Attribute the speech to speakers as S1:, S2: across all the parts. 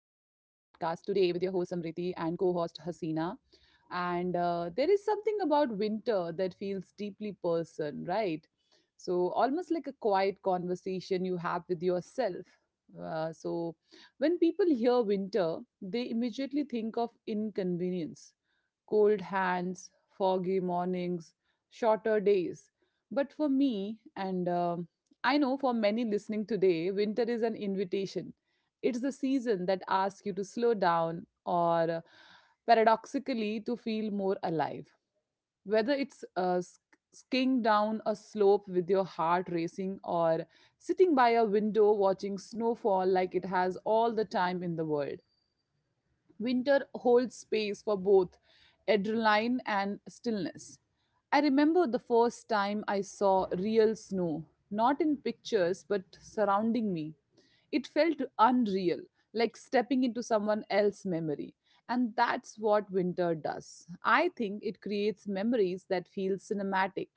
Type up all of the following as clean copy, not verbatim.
S1: today with your host Samriti and co host Hasina. And there is something about winter that feels deeply personal, right? So, almost like a quiet conversation you have with yourself. So when people hear winter, they immediately think of inconvenience, cold hands, foggy mornings, shorter days. But for me, and I know for many listening today, winter is an invitation. It's the season that asks you to slow down or paradoxically to feel more alive. Whether it's skiing down a slope with your heart racing, or sitting by a window watching snow fall like it has all the time in the world. Winter holds space for both adrenaline and stillness. I remember the first time I saw real snow, not in pictures but surrounding me. It felt unreal, like stepping into someone else's memory. And that's what winter does. I think it creates memories that feel cinematic,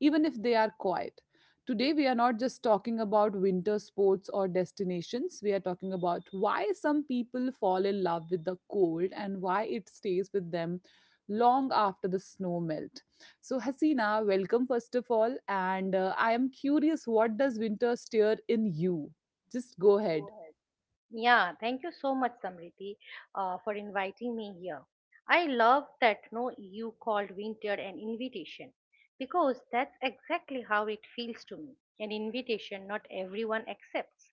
S1: even if they are quiet. Today, we are not just talking about winter sports or destinations. We are talking about why some people fall in love with the cold and why it stays with them long after the snow melt. So, Hasina, welcome first of all. And I am curious, what does winter stir in you? Just go
S2: Go
S1: ahead.
S2: ahead. Yeah, thank you so much, Samriti, for inviting me here. I love that, no, you called winter an invitation because that's exactly how it feels to me. An invitation not everyone accepts.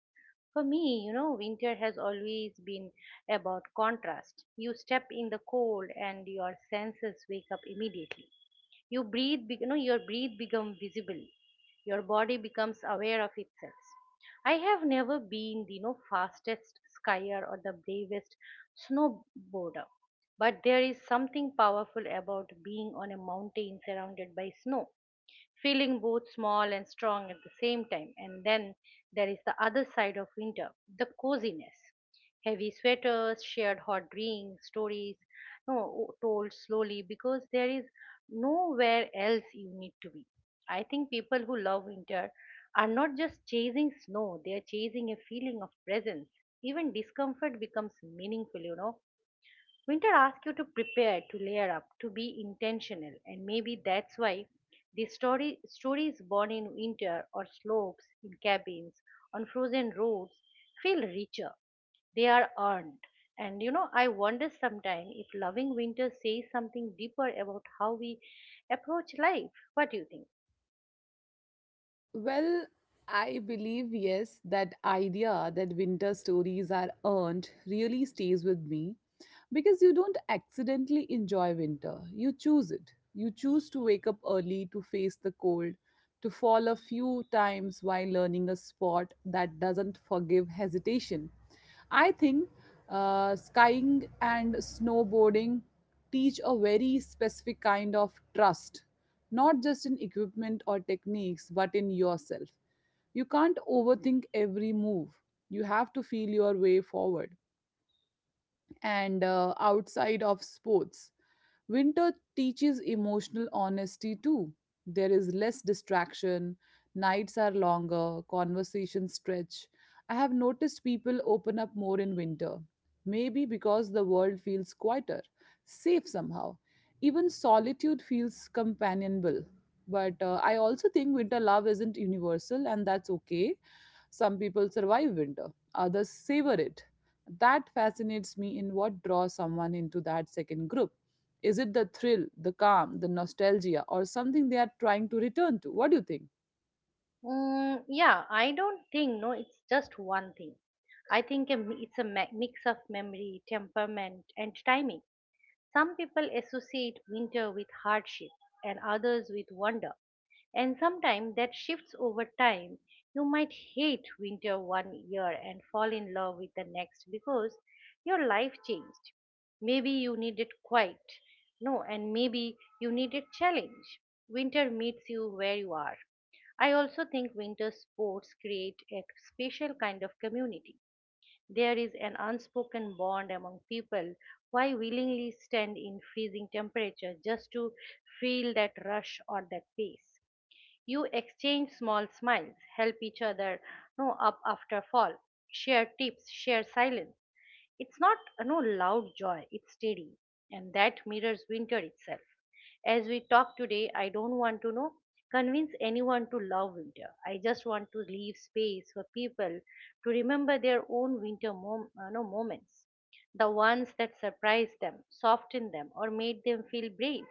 S2: For me, winter has always been about contrast. You step in the cold and your senses wake up immediately. You breathe, your breath becomes visible. Your body becomes aware of itself. I have never been the fastest skier or the bravest snowboarder, but there is something powerful about being on a mountain surrounded by snow, feeling both small and strong at the same time. And then there is the other side of winter, the coziness. Heavy sweaters, shared hot drinks, stories, no, told slowly because there is nowhere else you need to be. I think people who love winter are not just chasing snow, they are chasing a feeling of presence. Even discomfort becomes meaningful. Winter asks you to prepare, to layer up, to be intentional, and maybe that's why the story stories born in winter or slopes, in cabins, on frozen roads feel richer. They are earned. And I wonder sometimes if loving winter says something deeper about how we approach life. What do you think?
S1: Well, I believe, yes, that idea that winter stories are earned really stays with me. Because you don't accidentally enjoy winter, you choose it. You choose to wake up early to face the cold, to fall a few times while learning a sport that doesn't forgive hesitation. I think skiing and snowboarding teach a very specific kind of trust, not just in equipment or techniques, but in yourself. You can't overthink every move. You have to feel your way forward, and outside of sports, winter teaches emotional honesty too. There is less distraction, nights are longer, conversations stretch. I have noticed people open up more in winter. Maybe because the world feels quieter, safe somehow. Even solitude feels companionable. But I also think winter love isn't universal, and that's okay. Some people survive winter, others savor it. That fascinates me in what draws someone into that second group. Is it the thrill, the calm, the nostalgia, or something they are trying to return to? What do you think?
S2: Mm, yeah, I don't think, no, it's just one thing. I think it's a mix of memory, temperament, and timing. Some people associate winter with hardship and others with wonder, and sometimes that shifts over time. You might hate winter one year and fall in love with the next because your life changed. Maybe you needed quiet, no, and maybe you needed challenge. Winter meets you where you are. I also think winter sports create a special kind of community. There is an unspoken bond among people why willingly stand in freezing temperature just to feel that rush or that pace. You exchange small smiles, help each other, no, up after fall, share tips, share silence. It's not no loud joy, it's steady, and that mirrors winter itself. As we talk today, I don't want to, know convince anyone to love winter. I just want to leave space for people to remember their own winter mom- no, moments, the ones that surprised them, softened them, or made them feel brave,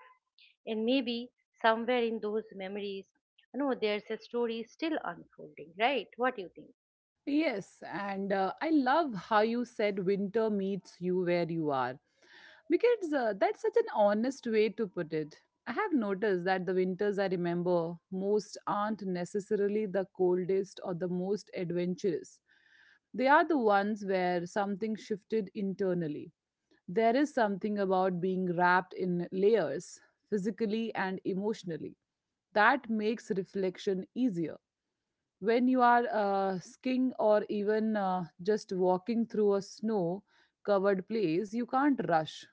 S2: and maybe somewhere in those memories, no, there's a story still unfolding, right? What do you think?
S1: Yes, and I love how you said winter meets you where you are. Because that's such an honest way to put it. I have noticed that the winters I remember most aren't necessarily the coldest or the most adventurous. They are the ones where something shifted internally. There is something about being wrapped in layers, physically and emotionally, that makes reflection easier. When you are skiing or even just walking through a snow covered place, you can't rush,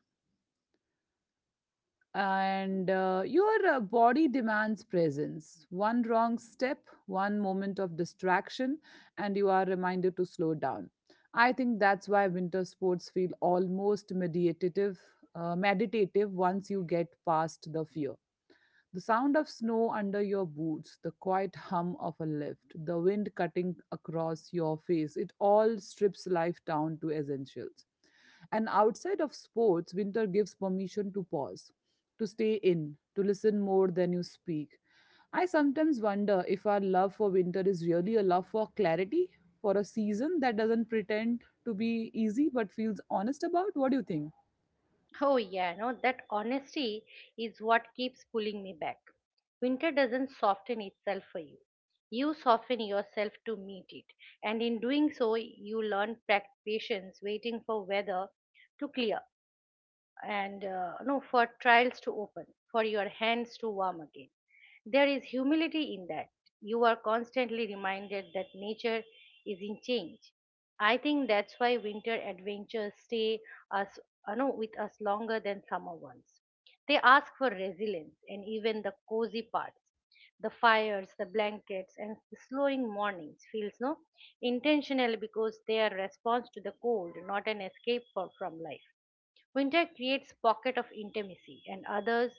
S1: and your body demands presence. One wrong step, one moment of distraction, and you are reminded to slow down. I think that's why winter sports feel almost meditative, meditative once you get past the fear. The sound of snow under your boots, the quiet hum of a lift, the wind cutting across your face, it all strips life down to essentials. And outside of sports, winter gives permission to pause, to stay in, to listen more than you speak. I sometimes wonder if our love for winter is really a love for clarity, for a season that doesn't pretend to be easy but feels honest about. What do you think?
S2: Oh, yeah, no, that honesty is what keeps pulling me back. Winter doesn't soften itself for you, you soften yourself to meet it. And in doing so you learn patience, waiting for weather to clear, and no, for trials to open, for your hands to warm again. There is humility in that. You are constantly reminded that nature is in change. I think that's why winter adventures stay us, with us longer than summer ones. They ask for resilience, and even the cozy parts, the fires, the blankets, and the slowing mornings, feels, no, intentional, because they are response to the cold, not an escape for, from life. Winter creates pocket of intimacy and others,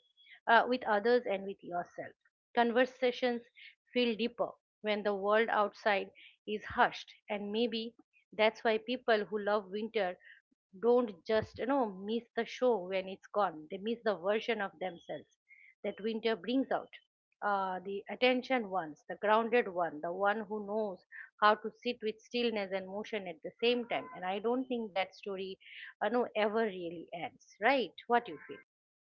S2: with others and with yourself. Conversations feel deeper when the world outside is hushed. And maybe that's why people who love winter don't just, miss the show when it's gone, they miss the version of themselves that winter brings out, the attention ones, the grounded one, the one who knows how to sit with stillness and motion at the same time. And I don't think that story, no, ever really ends, right? What you feel?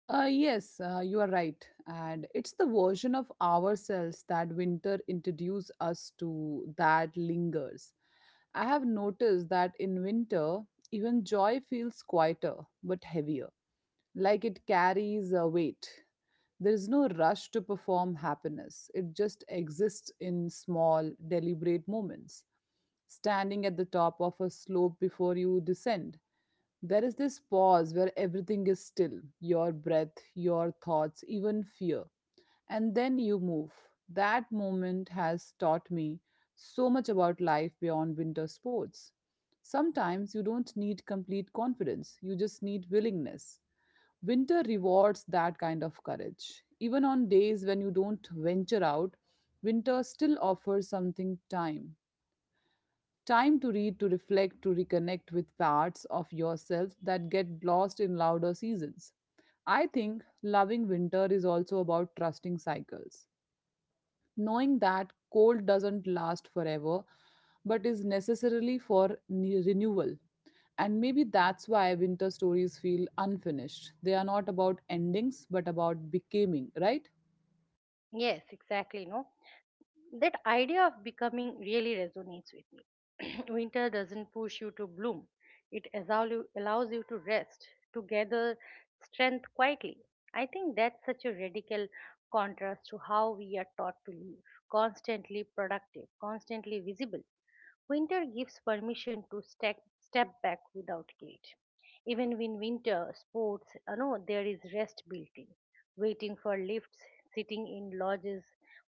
S1: Yes, you are right. And it's the version of ourselves that winter introduced us to that lingers. I have noticed that in winter, even joy feels quieter but heavier, like it carries a weight. There is no rush to perform happiness, it just exists in small, deliberate moments. Standing at the top of a slope before you descend, there is this pause where everything is still: your breath, your thoughts, even fear. And then you move. That moment has taught me so much about life beyond winter sports. Sometimes you don't need complete confidence, you just need willingness. Winter rewards that kind of courage. Even on days when you don't venture out, winter still offers something: time. Time to read, to reflect, to reconnect with parts of yourself that get lost in louder seasons. I think loving winter is also about trusting cycles, knowing that cold doesn't last forever but is necessarily for renewal. And maybe that's why winter stories feel unfinished. They are not about endings but about becoming, right?
S2: Yes, exactly, no, that idea of becoming really resonates with me. Winter doesn't push you to bloom, it allows you to rest, to gather strength quietly. I think that's such a radical contrast to how we are taught to live, constantly productive, constantly visible. Winter gives permission to step back without guilt. Even in winter sports, there is rest built in. Waiting for lifts, sitting in lodges,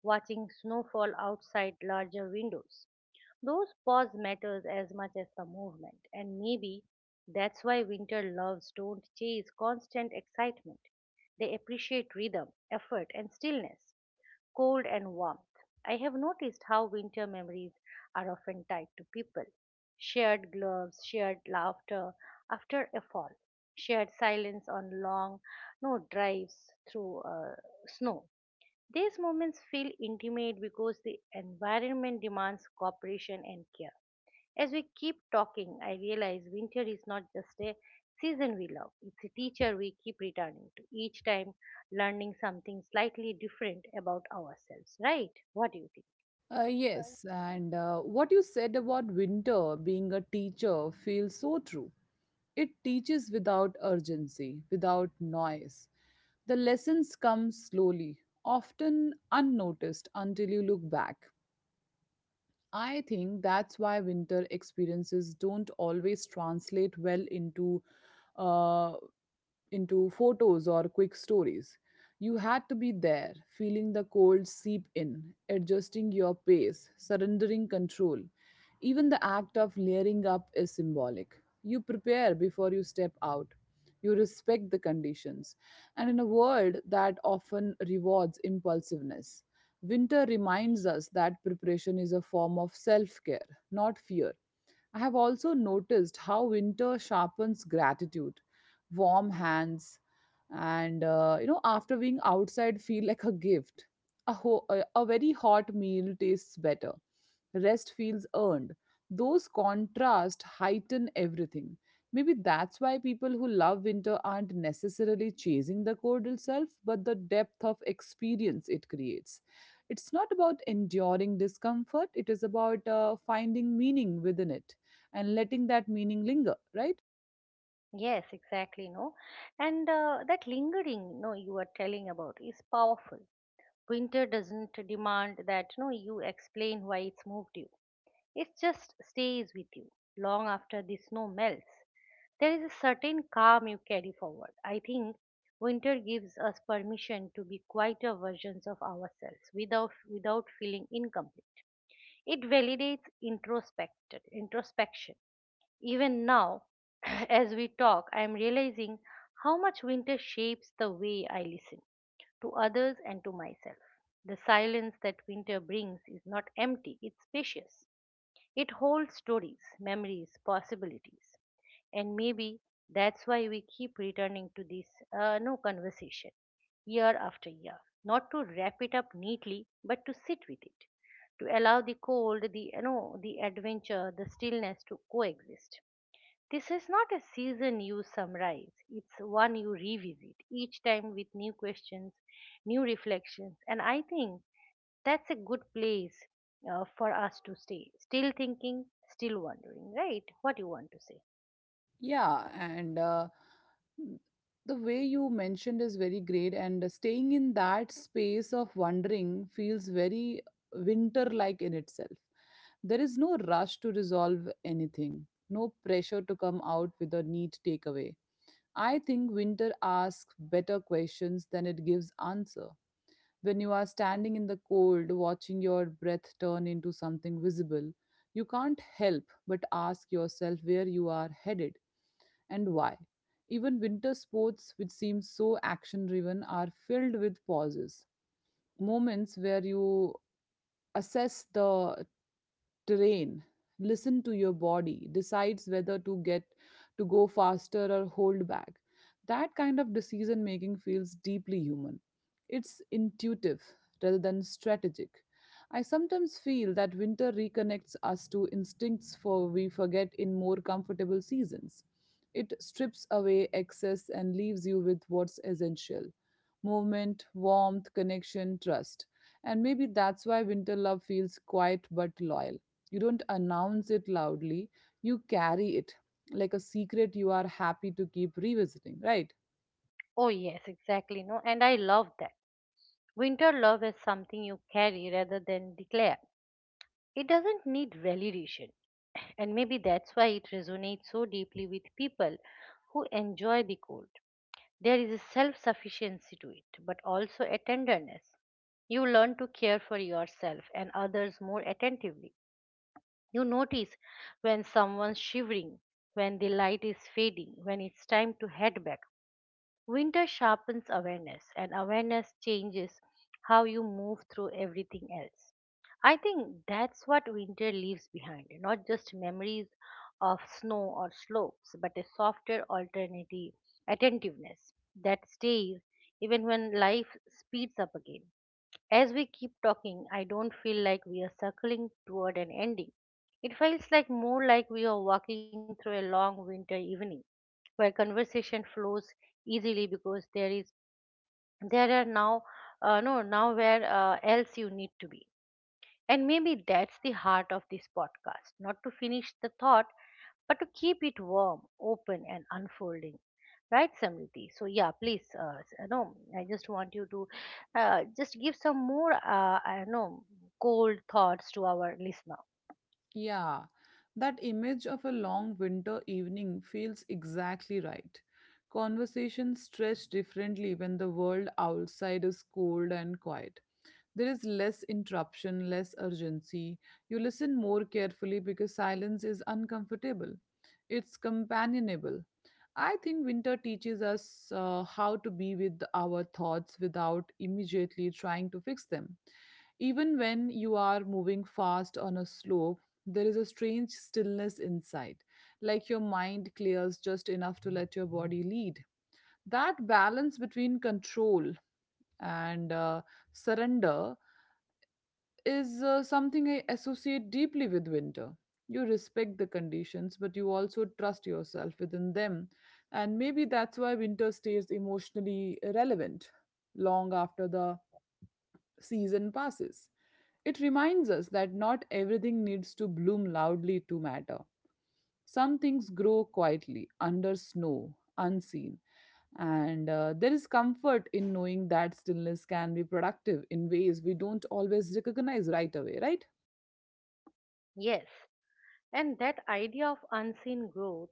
S2: watching snowfall outside larger windows. Those pause matters as much as the movement, and maybe that's why winter loves don't chase constant excitement. They appreciate rhythm, effort, and stillness, cold and warmth. I have noticed how winter memories are often tied to people. Shared gloves, shared laughter after a fall, shared silence on long, no, drives through snow. These moments feel intimate because the environment demands cooperation and care. As we keep talking, I realize winter is not just a season we love, it's a teacher we keep returning to, each time learning something slightly different about ourselves, right? What do you think?
S1: Yes, and what you said about winter being a teacher feels so true. It teaches without urgency, without noise. The lessons come slowly, often unnoticed until you look back. I think that's why winter experiences don't always translate well uh, into photos or quick stories. You had to be there, feeling the cold seep in, adjusting your pace, surrendering control. Even the act of layering up is symbolic. You prepare before you step out. You respect the conditions. And in a world that often rewards impulsiveness, winter reminds us that preparation is a form of self care, not fear. I have also noticed how winter sharpens gratitude. Warm hands, and you know, after being outside, feel like a gift. A very hot meal tastes better. Rest feels earned. Those contrasts heighten everything. Maybe that's why people who love winter aren't necessarily chasing the cold itself, but the depth of experience it creates. It's not about enduring discomfort, it is about finding meaning within it and letting that meaning linger, right?
S2: Yes, exactly, no? And that lingering, no, you are telling about is powerful. Winter doesn't demand that, no, you explain why it's moved you. It just stays with you long after the snow melts. There is a certain calm you carry forward. I think winter gives us permission to be quieter versions of ourselves without feeling incomplete. It validates introspected introspection. Even now, as we talk, I am realizing how much winter shapes the way I listen to others and to myself. The silence that winter brings is not empty, it's spacious. It holds stories, memories, possibilities. And maybe that's why we keep returning to this, no, conversation year after year. Not to wrap it up neatly, but to sit with it, to allow the cold, the, the adventure, the stillness to coexist. This is not a season you summarize, it's one you revisit, each time with new questions, new reflections, and I think that's a good place for us to stay. Still thinking, still wondering, right? What you want to say?
S1: Yeah, and the way you mentioned is very great, and staying in that space of wondering feels very winter like in itself. There is no rush to resolve anything, no pressure to come out with a neat takeaway. I think winter asks better questions than it gives answer. When you are standing in the cold, watching your breath turn into something visible, you can't help but ask yourself where you are headed and why. Even winter sports, which seem so action driven, are filled with pauses. Moments where you assess the terrain, listen to your body, decides whether to go faster or hold back. That kind of decision making feels deeply human. It's intuitive rather than strategic. I sometimes feel that winter reconnects us to instincts for we forget in more comfortable seasons. It strips away excess and leaves you with what's essential: movement, warmth, connection, trust. And maybe that's why winter love feels quiet but loyal. You don't announce it loudly, you carry it like a secret you are happy to keep revisiting, right?
S2: Oh, yes, exactly. No, and I love that. Winter love is something you carry rather than declare. It doesn't need validation. And maybe that's why it resonates so deeply with people who enjoy the cold. There is a self sufficiency to it, but also a tenderness. You learn to care for yourself and others more attentively. You notice when someone's shivering, when the light is fading, when it's time to head back. Winter sharpens awareness, and awareness changes how you move through everything else. I think that's what winter leaves behind, not just memories of snow or slopes, but a softer alternative attentiveness that stays even when life speeds up again. As we keep talking, I don't feel like we are circling toward an ending. It feels like more like we are walking through a long winter evening where conversation flows easily because there are now, no, nowhere else you need to be. And maybe that's the heart of this podcast, not to finish the thought, but to keep it warm, open, and unfolding. Right, Samriti? So, yeah, please, no, I just want you to, just give some more, I know, cold thoughts to our listener.
S1: Yeah, that image of a long winter evening feels exactly right. Conversations stretch differently when the world outside is cold and quiet. There is less interruption, less urgency. You listen more carefully because silence is uncomfortable. It's companionable. I think winter teaches us how to be with our thoughts without immediately trying to fix them. Even when you are moving fast on a slope, there is a strange stillness inside, like your mind clears just enough to let your body lead. That balance between control and surrender is something I associate deeply with winter. You respect the conditions, but you also trust yourself within them. And maybe that's why winter stays emotionally relevant long after the season passes. It reminds us that not everything needs to bloom loudly to matter. Some things grow quietly under snow, unseen. And there is comfort in knowing that stillness can be productive in ways we don't always recognize right away, right?
S2: Yes. And that idea of unseen growth,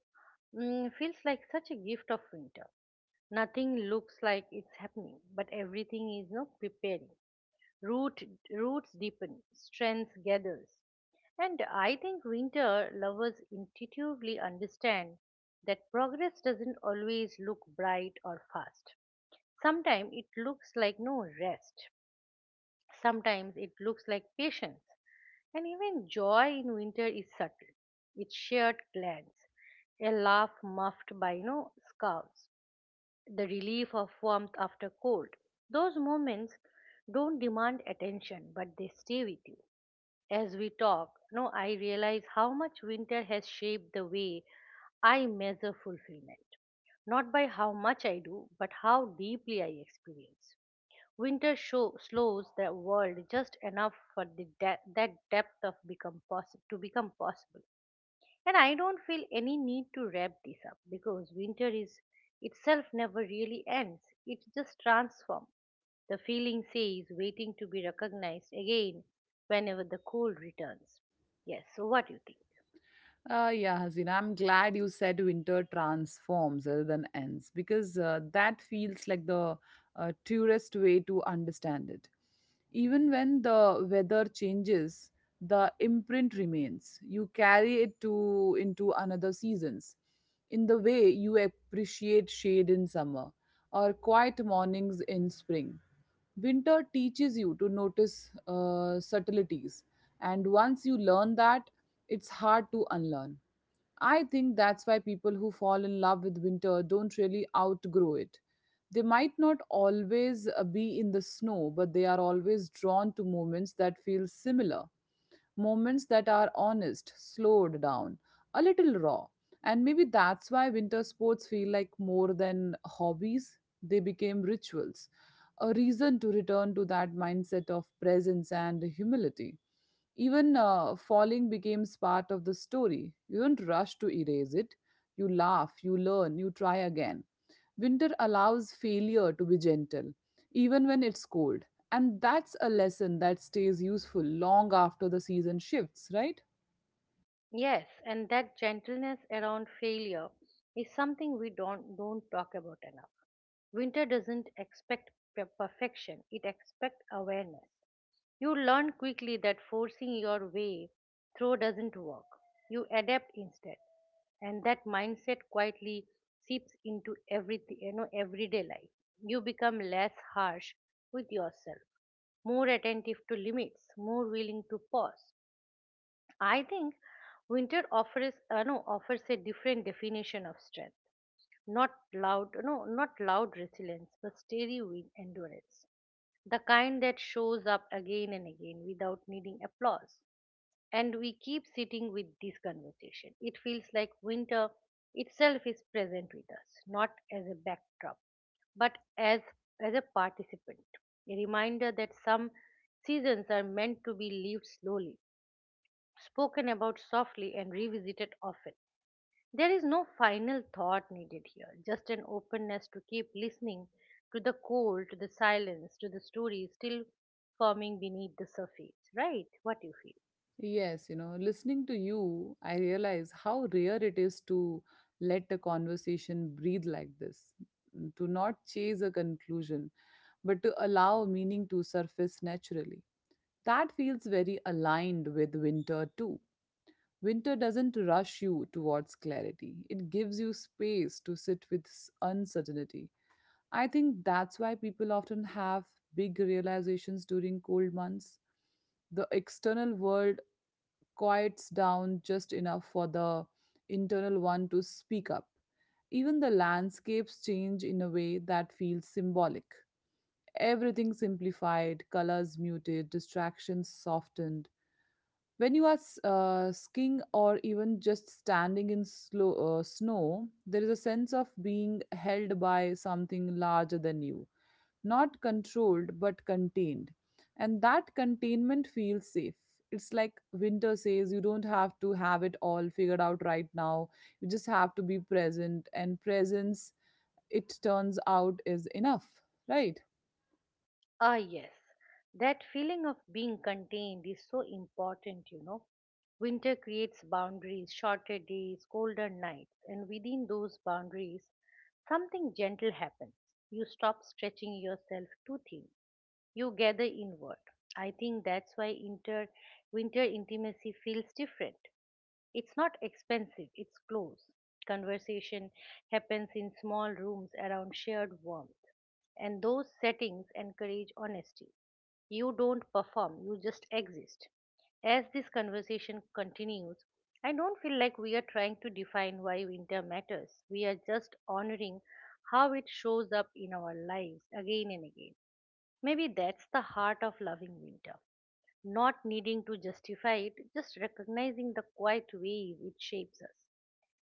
S2: mm, feels like such a gift of winter. Nothing looks like it's happening, but everything is, you preparing. root roots deepen, strength gathers. And I think winter lovers intuitively understand that progress doesn't always look bright or fast. Sometimes it looks like no rest. Sometimes it looks like patience. And even joy in winter is subtle. It's shared glance, a laugh muffed by no scarves, the relief of warmth after cold. Those moments don't demand attention, but they stay with you. As we talk, no, I realize how much winter has shaped the way I measure fulfillment. Not by how much I do, but how deeply I experience. Winter slows the world just enough for that depth of to become possible. And I don't feel any need to wrap this up because winter is itself never really ends. It just transforms. The feeling says waiting to be recognized again whenever the cold returns. Yes, so what do you think?
S1: Yeah, Hasina, I'm glad you said winter transforms rather than ends, because that feels like the tourist way to understand it. Even when the weather changes, the imprint remains. You carry it to into another seasons. In the way you appreciate shade in summer or quiet mornings in spring. Winter teaches you to notice subtleties, and once you learn that, it's hard to unlearn. I think that's why people who fall in love with winter don't really outgrow it. They might not always be in the snow, but they are always drawn to moments that feel similar, moments that are honest, slowed down, a little raw. And maybe that's why winter sports feel like more than hobbies, they became rituals, a reason to return to that mindset of presence and humility. Even falling becomes part of the story. You don't rush to erase it. You laugh, you learn, you try again. Winter allows failure to be gentle, even when it's cold. And that's a lesson that stays useful long after the season shifts, right?
S2: Yes, and that gentleness around failure is something we don't talk about enough. Winter doesn't expect perfection, it expects awareness. You learn quickly that forcing your way through doesn't work. You adapt instead. And that mindset quietly seeps into everything, everyday life. You become less harsh with yourself, more attentive to limits, more willing to pause. I think winter offers, no, offers a different definition of strength. Not loud, no, not loud resilience, but steady with endurance, the kind that shows up again and again without needing applause. And we keep sitting with this conversation. It feels like winter itself is present with us, not as a backdrop, but as, as a participant. A reminder that some seasons are meant to be lived slowly, spoken about softly, and revisited often. There is no final thought needed here, just an openness to keep listening to the cold, to the silence, to the stories still forming beneath the surface, right? What you feel?
S1: Yes, you know, listening to you, I realize how rare it is to let a conversation breathe like this, to not chase a conclusion, but to allow meaning to surface naturally. That feels very aligned with winter too. Winter doesn't rush you towards clarity, it gives you space to sit with uncertainty. I think that's why people often have big realizations during cold months. The external world quiets down just enough for the internal one to speak up. Even the landscapes change in a way that feels symbolic. Everything simplified, colors muted, distractions softened. When you are skiing or even just standing in slow, snow, there is a sense of being held by something larger than you, not controlled but contained. And that containment feels safe. It's like winter says you don't have to have it all figured out right now. You just have to be present, and presence, it turns out, is enough, right?
S2: Ah, yes. That feeling of being contained is so important, you know. Winter creates boundaries, shorter days, colder nights, and within those boundaries, something gentle happens. You stop stretching yourself too thin. You gather inward. I think that's why winter intimacy feels different. It's not expensive, it's close. Conversation happens in small rooms around shared warmth. And those settings encourage honesty. You don't perform, you just exist. As this conversation continues, I don't feel like we are trying to define why winter matters. We are just honoring how it shows up in our lives again and again. Maybe that's the heart of loving winter. Not needing to justify it, just recognizing the quiet ways it shapes us.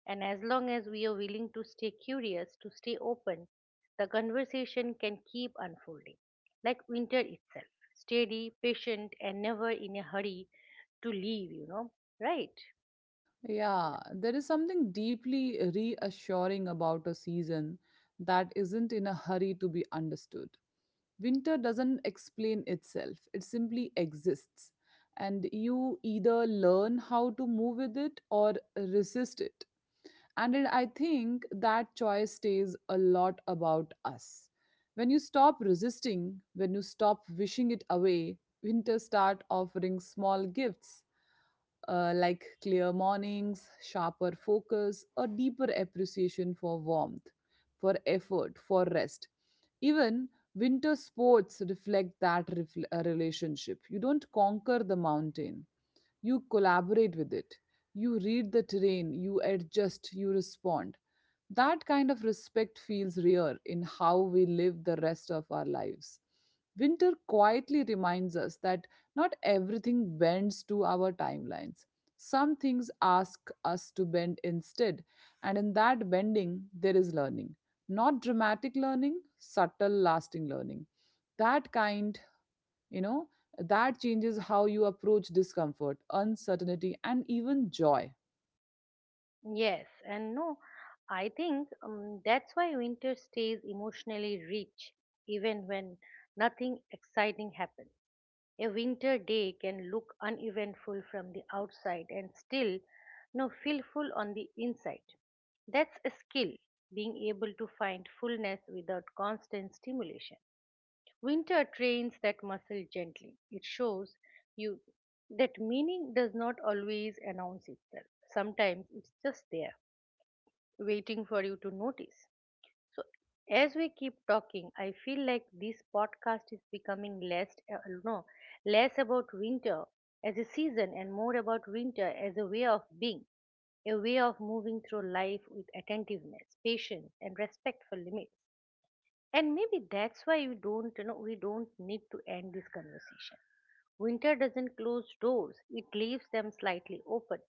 S2: And as long as we are willing to stay curious, to stay open, the conversation can keep unfolding, like winter itself, steady, patient, and never in a hurry to leave, you know, right?
S1: Yeah, there is something deeply reassuring about a season that isn't in a hurry to be understood. Winter doesn't explain itself, it simply exists. And you either learn how to move with it or resist it. I think that choice stays a lot about us. When you stop resisting, when you stop wishing it away, winter start offering small gifts, like clear mornings, sharper focus, a deeper appreciation for warmth, for effort, for rest. Even winter sports reflect that relationship. You don't conquer the mountain, you collaborate with it. You read the terrain, you adjust, you respond. That kind of respect feels rare in how we live the rest of our lives. Winter quietly reminds us that not everything bends to our timelines. Some things ask us to bend instead, and in that bending, there is learning. Not dramatic learning, subtle, lasting learning. That kind, you know, that changes how you approach discomfort, uncertainty, and even joy.
S2: Yes, and no, I think that's why winter stays emotionally rich even when nothing exciting happens. A winter day can look uneventful from the outside and still no feel full on the inside. That's a skill, being able to find fullness without constant stimulation. Winter trains that muscle gently. It shows you that meaning does not always announce itself. Sometimes it's just there, waiting for you to notice. So, as we keep talking, I feel like this podcast is becoming less, no, less about winter as a season and more about winter as a way of being, a way of moving through life with attentiveness, patience, and respect for limits. And maybe that's why we don't need to end this conversation. Winter doesn't close doors; it leaves them slightly open,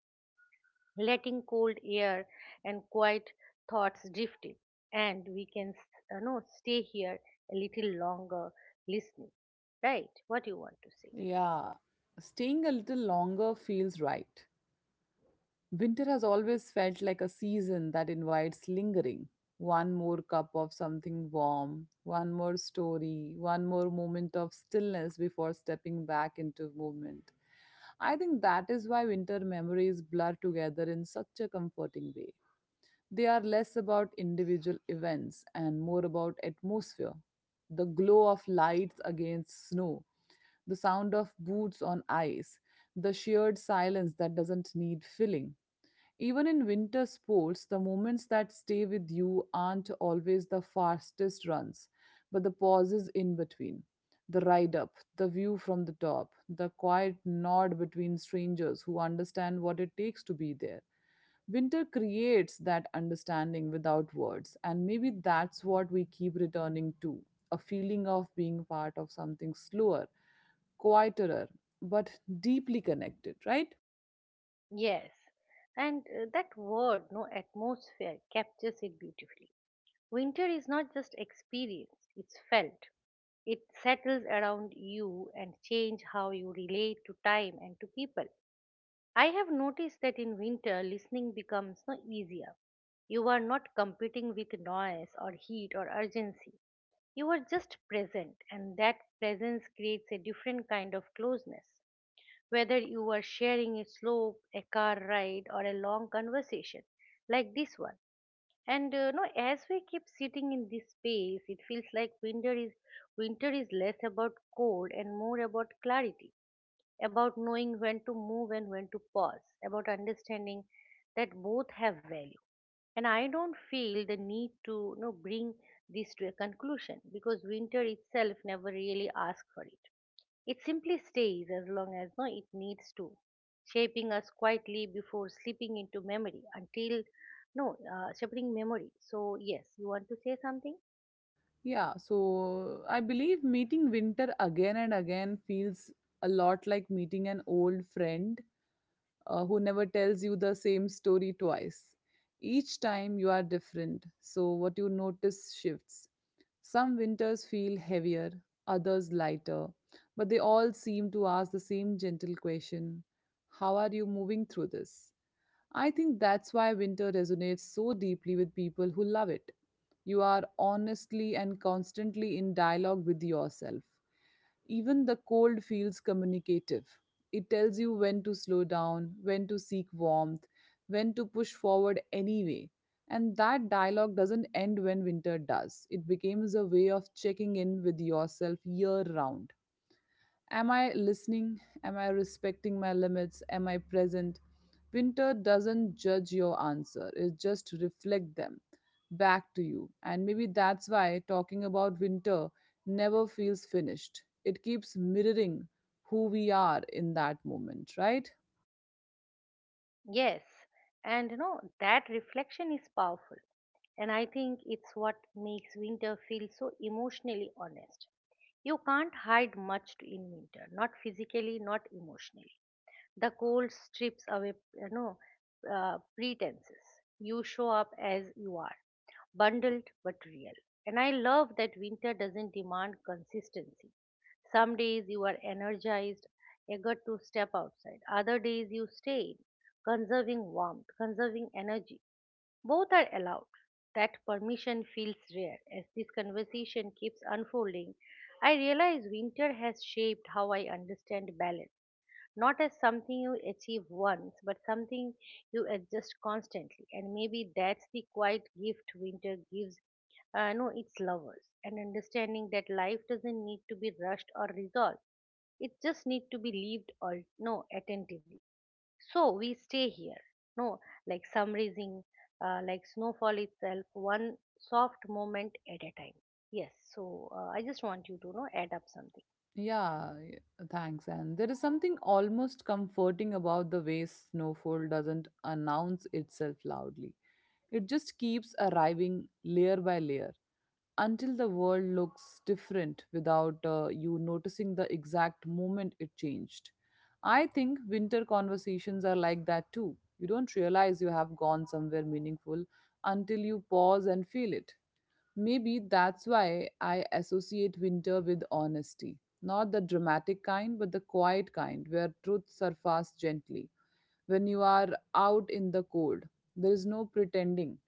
S2: letting cold air and quiet thoughts drift in, and we can s- no stay here a little longer, listening. Right, what you want to say?
S1: Yeah, staying a little longer feels right. Winter has always felt like a season that invites lingering. One more cup of something warm, one more story, one more moment of stillness before stepping back into movement. I think that is why winter memories blur together in such a comforting way. They are less about individual events and more about atmosphere. The glow of lights against snow, the sound of boots on ice, the sheer silence that doesn't need filling. Even in winter sports, the moments that stay with you aren't always the fastest runs, but the pauses in between. The ride up, the view from the top, the quiet nod between strangers who understand what it takes to be there. Winter creates that understanding without words, and maybe that's what we keep returning to, a feeling of being part of something slower, quieter, but deeply connected, right?
S2: Yes, and that word no atmosphere captures it beautifully. Winter is not just experienced, it's felt. It settles around you and change how you relate to time and to people. I have noticed that in winter listening becomes easier. You are not competing with noise or heat or urgency. You are just present, and that presence creates a different kind of closeness. Whether you are sharing a slope, a car ride, or a long conversation like this one. And no, as we keep sitting in this space, it feels like winter is, winter is less about cold and more about clarity, about knowing when to move and when to pause, about understanding that both have value. And I don't feel the need to, you know, bring this to a conclusion because winter itself never really asks for it. It simply stays as long as no, it needs to, shaping us quietly before slipping into memory, until no, shaping memory. So, yes, you want to say something?
S1: Yeah, so I believe meeting winter again and again feels a lot like meeting an old friend, who never tells you the same story twice. Each time you are different, so what you notice shifts. Some winters feel heavier, others lighter, but they all seem to ask the same gentle question: how are you moving through this? I think that's why winter resonates so deeply with people who love it. You are honestly and constantly in dialogue with yourself. Even the cold feels communicative. It tells you when to slow down, when to seek warmth, when to push forward anyway. And that dialogue doesn't end when winter does. It becomes a way of checking in with yourself year round. Am I listening? Am I respecting my limits? Am I present? Winter doesn't judge your answer, it just reflects them back to you. And maybe that's why talking about winter never feels finished. It keeps mirroring who we are in that moment, right?
S2: Yes, and you know, that reflection is powerful. And I think it's what makes winter feel so emotionally honest. You can't hide in winter, not physically, not emotionally. The cold strips away, you know, pretenses. You show up as you are, bundled but real. And I love that winter doesn't demand consistency. Some days you are energized, eager to step outside. Other days you stay in, conserving warmth, conserving energy. Both are allowed. That permission feels rare. As this conversation keeps unfolding, I realize winter has shaped how I understand balance, not as something you achieve once, but something you adjust constantly. And maybe that's the quiet gift winter gives no its lovers, and understanding that life doesn't need to be rushed or resolved. It just need to be lived, or no attentively. So we stay here, no like summarizing, like snowfall itself, one soft moment at a time. Yes. So I just want you to, you know, add up something.
S1: Yeah, thanks. And there is something almost comforting about the way snowfall doesn't announce itself loudly. It just keeps arriving layer by layer until the world looks different without you noticing the exact moment it changed. I think winter conversations are like that too. You don't realize you have gone somewhere meaningful until you pause and feel it. Maybe that's why I associate winter with honesty. Not the dramatic kind, but the quiet kind where truth surfaces gently. When you are out in the cold, there is no pretending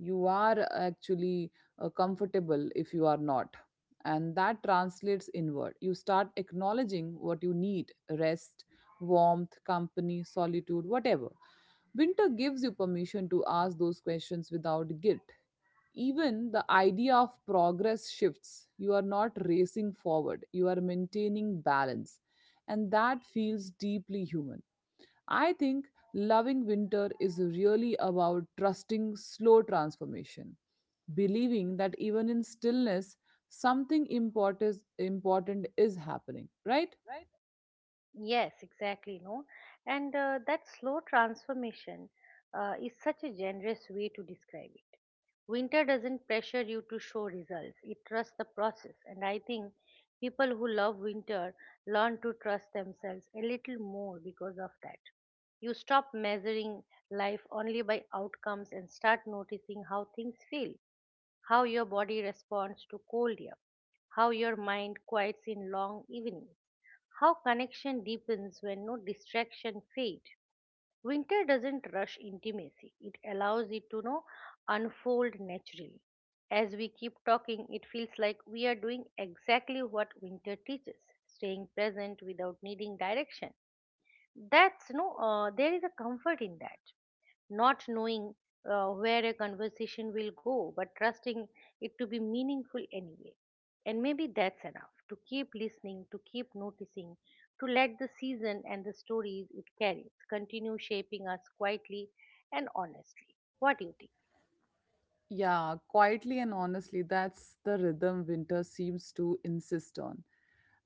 S1: you are actually comfortable if you are not, and that translates inward. You start acknowledging what you need: rest, warmth, company, solitude, whatever. Winter gives you permission to ask those questions without guilt. Even the idea of progress shifts. You are not racing forward, you are maintaining balance, and that feels deeply human. I think loving winter is really about trusting slow transformation, believing that even in stillness, something important is happening, right?
S2: Yes, exactly, no. And that slow transformation is such a generous way to describe it. Winter doesn't pressure you to show results, it trusts the process. And I think people who love winter learn to trust themselves a little more because of that. You stop measuring life only by outcomes and start noticing how things feel, how your body responds to cold air, how your mind quiets in long evenings, how connection deepens when distraction fade. Winter doesn't rush intimacy, it allows it to know unfold naturally. As we keep talking, it feels like we are doing exactly what winter teaches, staying present without needing direction. That's no there is a comfort in that, not knowing where a conversation will go, but trusting it to be meaningful anyway. And maybe that's enough to keep listening, to keep noticing, to let the season and the stories it carries continue shaping us quietly and honestly. What do you think?
S1: Yeah, quietly and honestly, that's the rhythm winter seems to insist on.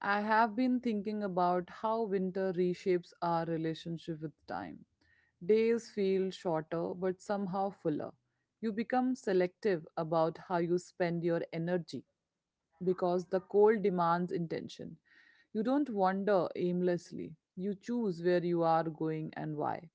S1: I have been thinking about how winter reshapes our relationship with time. Days feel shorter, but somehow fuller. You become selective about how you spend your energy, because the cold demands intention. You don't wander aimlessly, you choose where you are going and why.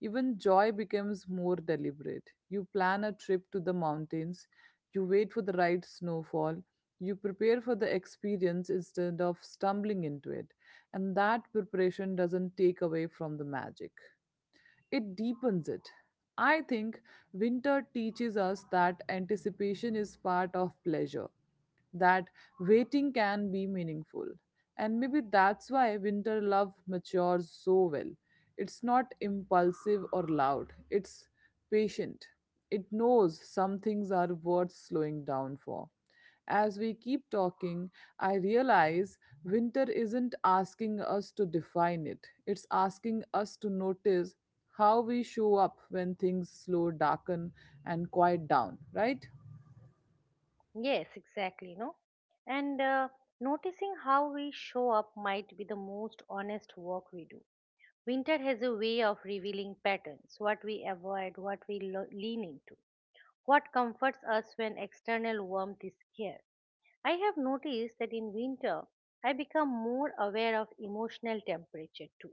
S1: Even joy becomes more deliberate. You plan a trip to the mountains, you wait for the right snowfall, you prepare for the experience instead of stumbling into it, and that preparation doesn't take away from the magic, it deepens it. I think winter teaches us that anticipation is part of pleasure, that waiting can be meaningful. And maybe that's why winter love matures so well. It's not impulsive or loud, it's patient. It knows some things are worth slowing down for. As we keep talking, I realize winter isn't asking us to define it, it's asking us to notice how we show up when things slow, darken, and quiet down, right?
S2: Yes, exactly, no? And noticing how we show up might be the most honest work we do. Winter has a way of revealing patterns, what we avoid, what we lean into. What comforts us when external warmth is scarce? I have noticed that in winter, I become more aware of emotional temperature too,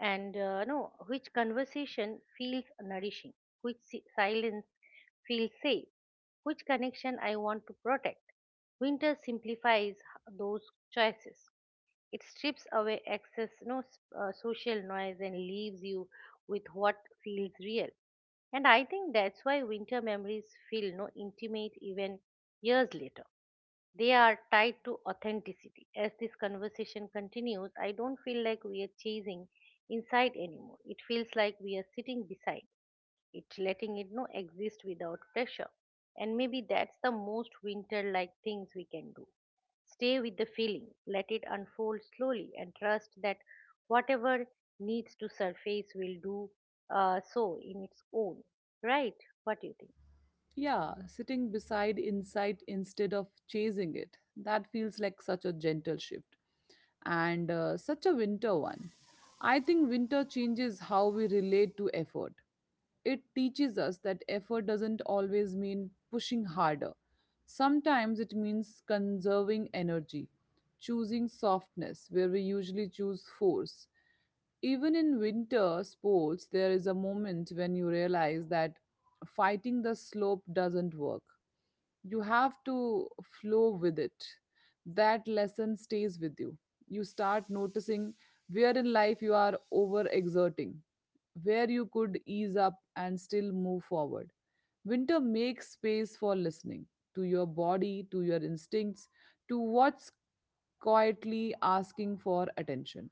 S2: and no, which conversation feels nourishing, which silence feels safe, which connection I want to protect. Winter simplifies those choices. It strips away excess, no s- social noise, and leaves you with what feels real. And I think that's why winter memories feel no intimate even years later. They are tied to authenticity. As this conversation continues, I don't feel like we are chasing inside anymore. It feels like we are sitting beside it, letting it exist without pressure. And maybe that's the most winter like things we can do. Stay with the feeling, let it unfold slowly, and trust that whatever needs to surface will do so in its own. Right? What do you think?
S1: Yeah, sitting beside insight instead of chasing it. That feels like such a gentle shift, and such a winter one. I think winter changes how we relate to effort. It teaches us that effort doesn't always mean pushing harder. Sometimes it means conserving energy, choosing softness where we usually choose force. Even in winter sports, there is a moment when you realize that fighting the slope doesn't work, you have to flow with it. That lesson stays with you. You start noticing where in life you are overexerting, where you could ease up and still move forward. Winter makes space for listening to your body, to your instincts, to what's quietly asking for attention.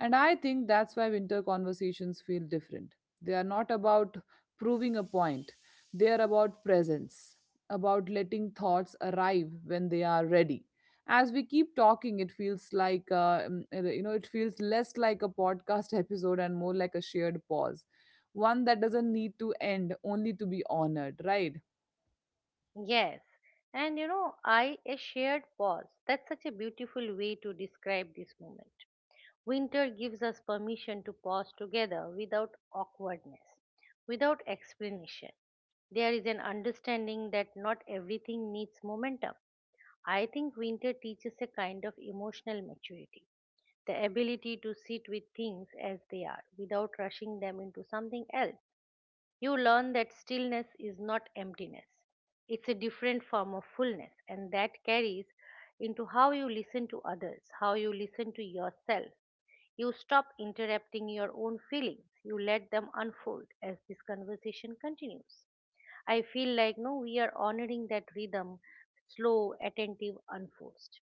S1: And I think that's why winter conversations feel different. They are not about proving a point. They are about presence, about letting thoughts arrive when they are ready. As we keep talking, it feels like, it feels less like a podcast episode and more like a shared pause. One that doesn't need to end, only to be honored, right?
S2: Yes. And you know, I, a shared pause. That's such a beautiful way to describe this moment. Winter gives us permission to pause together without awkwardness, without explanation. There is an understanding that not everything needs momentum. I think winter teaches a kind of emotional maturity, the ability to sit with things as they are without rushing them into something else. You learn that stillness is not emptiness, it's a different form of fullness, and that carries into how you listen to others, how you listen to yourself, you stop interrupting your own feelings. You let them unfold as this conversation continues. I feel like no, we are honoring that rhythm, slow, attentive, unforced.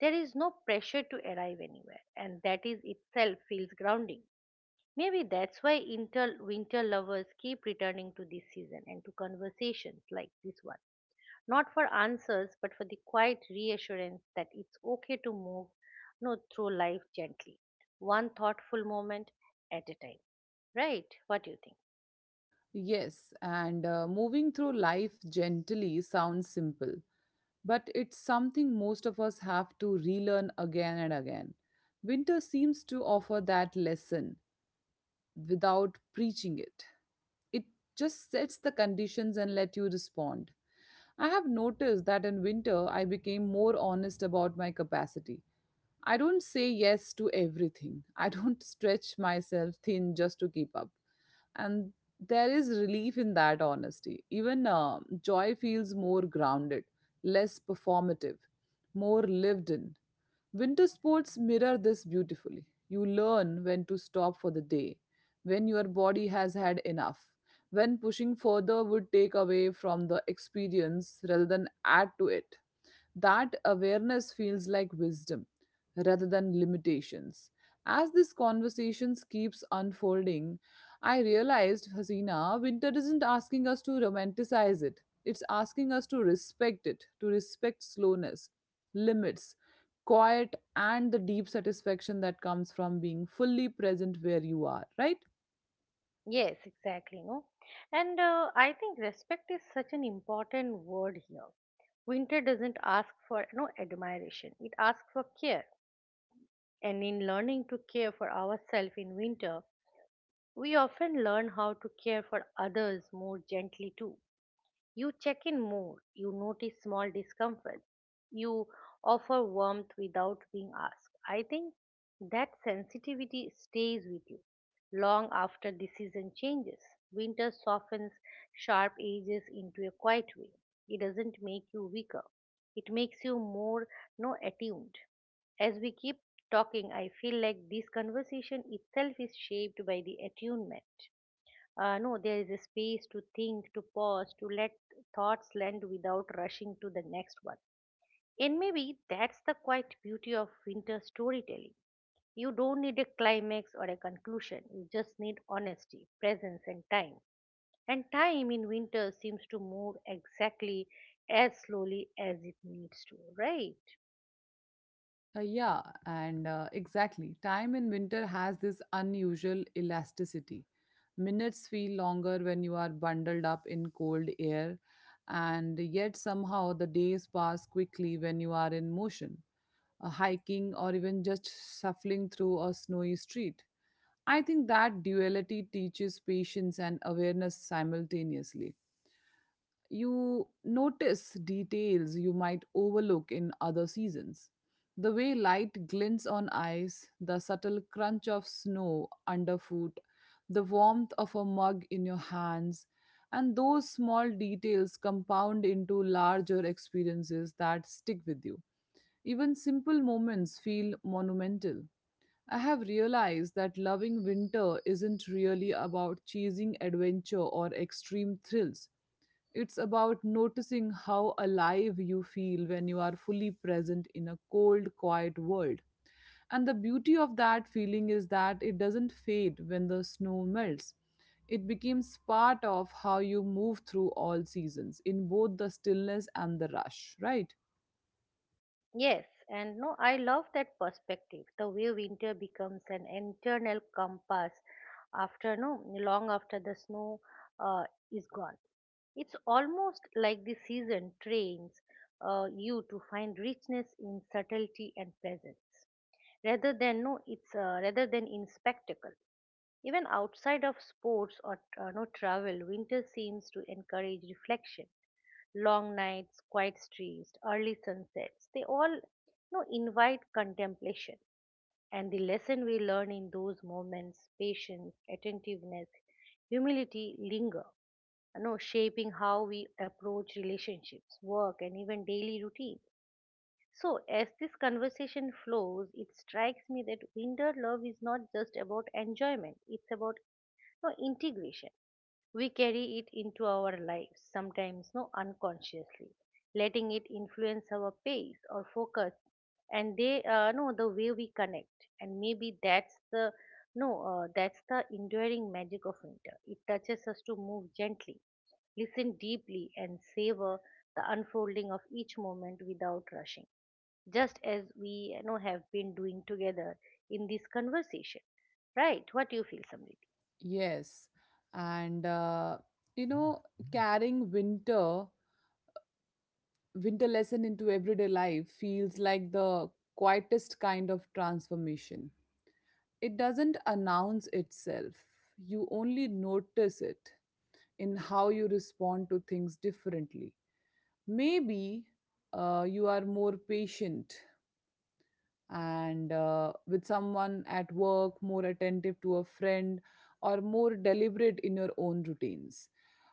S2: There is no pressure to arrive anywhere, and that is itself feels grounding. Maybe that's why winter lovers keep returning to this season and to conversations like this one, not for answers, but for the quiet reassurance that it's okay to move, no, through life gently, one thoughtful moment at a time. Right? What do you think?
S1: Yes, and moving through life gently sounds simple, but it's something most of us have to relearn again and again. Winter seems to offer that lesson without preaching it. It just sets the conditions and let you respond. I have noticed that in winter I became more honest about my capacity. I don't say yes to everything. I don't stretch myself thin just to keep up. And there is relief in that honesty. Even joy feels more grounded, less performative, more lived in. Winter sports mirror this beautifully. You learn when to stop for the day, when your body has had enough, when pushing further would take away from the experience rather than add to it. That awareness feels like wisdom rather than limitations. As this conversation keeps unfolding, I realized, Hasina, winter isn't asking us to romanticize it. It's asking us to respect it, to respect slowness, limits, quiet, and the deep satisfaction that comes from being fully present where you are, right?
S2: Yes, exactly. No, and I think respect is such an important word here. Winter doesn't ask for no admiration; it asks for care. And in learning to care for ourselves in winter, we often learn how to care for others more gently too. You check in more, you notice small discomforts, you offer warmth without being asked. I think that sensitivity stays with you long after the season changes. Winter softens sharp edges into a quiet way. It doesn't make you weaker, it makes you more no attuned. As we keep talking, I feel like this conversation itself is shaped by the attunement, no, there is a space to think, to pause, to let thoughts land without rushing to the next one. And maybe that's the quite beauty of winter storytelling. You don't need a climax or a conclusion, you just need honesty, presence, and time. And time in winter seems to move exactly as slowly as it needs to, right?
S1: Yeah, and exactly. Time in winter has this unusual elasticity. Minutes feel longer when you are bundled up in cold air, and yet somehow the days pass quickly when you are in motion, hiking, or even just shuffling through a snowy street. I think that duality teaches patience and awareness simultaneously. You notice details you might overlook in other seasons. The way light glints on ice, the subtle crunch of snow underfoot, the warmth of a mug in your hands, and those small details compound into larger experiences that stick with you. Even simple moments feel monumental. I have realized that loving winter isn't really about chasing adventure or extreme thrills. It's about noticing how alive you feel when you are fully present in a cold, quiet world. And the beauty of that feeling is that it doesn't fade when the snow melts. It becomes part of how you move through all seasons, in both the stillness and the rush, right?
S2: Yes, and no, I love that perspective. The way winter becomes an internal compass after, no long after the snow uh, is gone. It's almost like the season trains you to find richness in subtlety and presence, rather than no, it's rather than in spectacle. Even outside of sports or no travel, winter seems to encourage reflection. Long nights, quiet streets, early sunsets, they all, you know, invite contemplation. And the lesson we learn in those moments, patience, attentiveness, humility linger, you know, shaping how we approach relationships, work, and even daily routine. So, as this conversation flows, it strikes me that winter love is not just about enjoyment, it's about no integration. We carry it into our lives sometimes no unconsciously, letting it influence our pace or focus, and they no the way we connect. And maybe that's the no that's the enduring magic of winter. It touches us to move gently, listen deeply, and savor the unfolding of each moment without rushing, just as we have been doing together in this conversation, right? What do you feel, Samriti?
S1: Yes. And, you know, carrying winter lesson into everyday life feels like the quietest kind of transformation. It doesn't announce itself, you only notice it in how you respond to things differently. Maybe you are more patient and with someone at work, more attentive to a friend, or more deliberate in your own routines.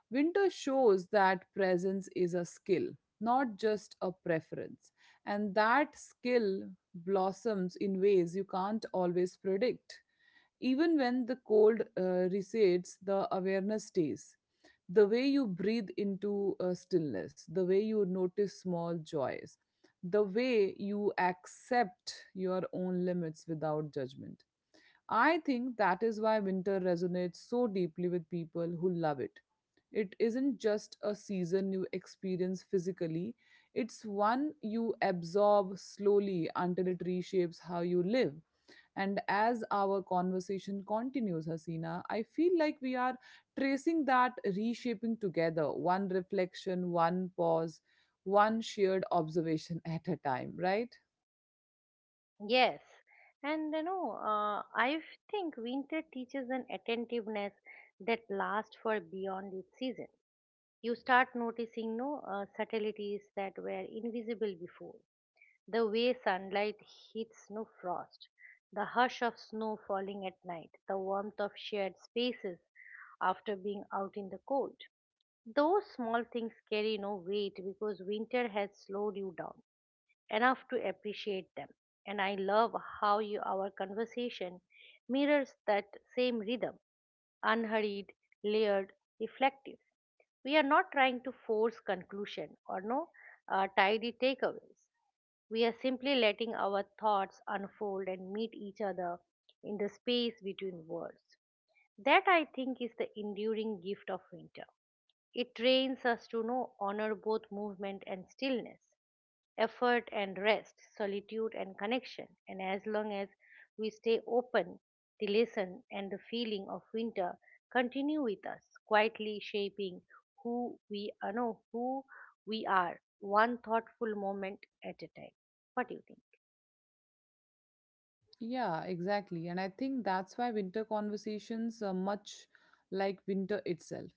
S1: Winter shows that presence is a skill, not just a preference. And that skill blossoms in ways you can't always predict. Even when the cold recedes, the awareness stays. The way you breathe into stillness, the way you notice small joys, the way you accept your own limits without judgment. I think that is why winter resonates so deeply with people who love it. It isn't just a season you experience physically, it's one you absorb slowly until it reshapes how you live. And as our conversation continues, Hasina, I feel like we are tracing that reshaping together, one reflection, one pause, one shared observation at a time, right?
S2: Yes, and I think winter teaches an attentiveness that lasts for beyond its season. You start noticing no subtleties that were invisible before. The way sunlight hits no frost, the hush of snow falling at night, the warmth of shared spaces after being out in the cold. Those small things carry no weight because winter has slowed you down enough to appreciate them. And I love how you, our conversation mirrors that same rhythm, unhurried, layered, reflective. We are not trying to force conclusion or no tidy takeaways. We are simply letting our thoughts unfold and meet each other in the space between words. That, I think, is the enduring gift of winter. It trains us to know, honor both movement and stillness, effort and rest, solitude and connection. And as long as we stay open, the lesson and the feeling of winter continue with us, quietly shaping who we are, no, who we are, one thoughtful moment at a time. What do you think?
S1: Yeah, exactly. And I think that's why winter conversations are much like winter itself,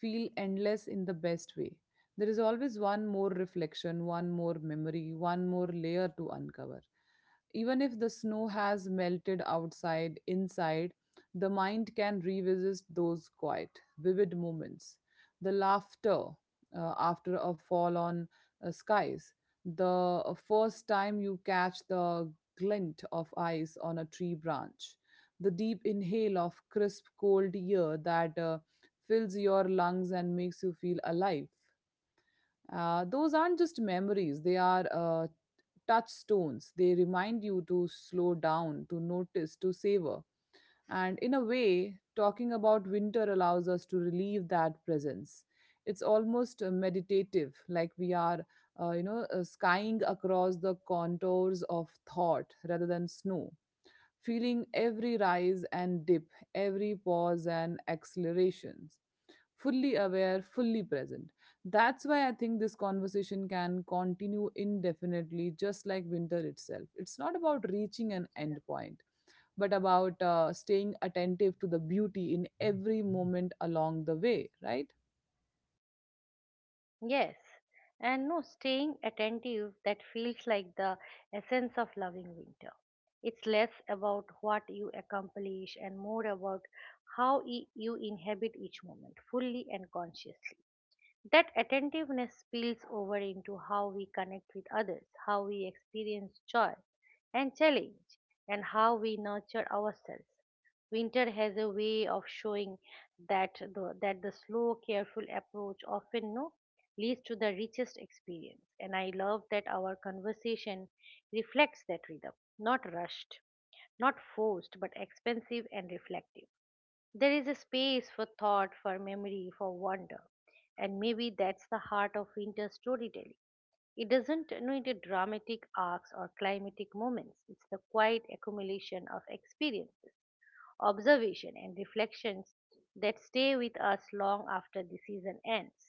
S1: feel endless in the best way. There is always one more reflection, one more memory, one more layer to uncover. Even if the snow has melted outside, inside, the mind can revisit those quiet, vivid moments. The laughter after a fall on skies, the first time you catch the glint of ice on a tree branch, the deep inhale of crisp, cold air that fills your lungs and makes you feel alive. Those aren't just memories, they are touchstones. They remind you to slow down, to notice, to savor. And in a way, talking about winter allows us to relieve that presence. It's almost meditative, like we are, skying across the contours of thought rather than snow, feeling every rise and dip, every pause and accelerations fully aware, fully present. That's why I think this conversation can continue indefinitely, just like winter itself. It's not about reaching an end point, but about staying attentive to the beauty in every moment along the way, right?
S2: Yes, and no, staying attentive, that feels like the essence of loving winter. It's less about what you accomplish and more about how you inhabit each moment fully and consciously. That attentiveness spills over into how we connect with others, how we experience joy and challenge, and how we nurture ourselves. Winter has a way of showing that the slow, careful approach often no leads to the richest experience. And I love that our conversation reflects that rhythm, not rushed, not forced, but expensive and reflective. There is a space for thought, for memory, for wonder. And maybe that's the heart of winter storytelling. It doesn't need a dramatic arcs or climatic moments. It's the quiet accumulation of experiences, observation, and reflections that stay with us long after the season ends.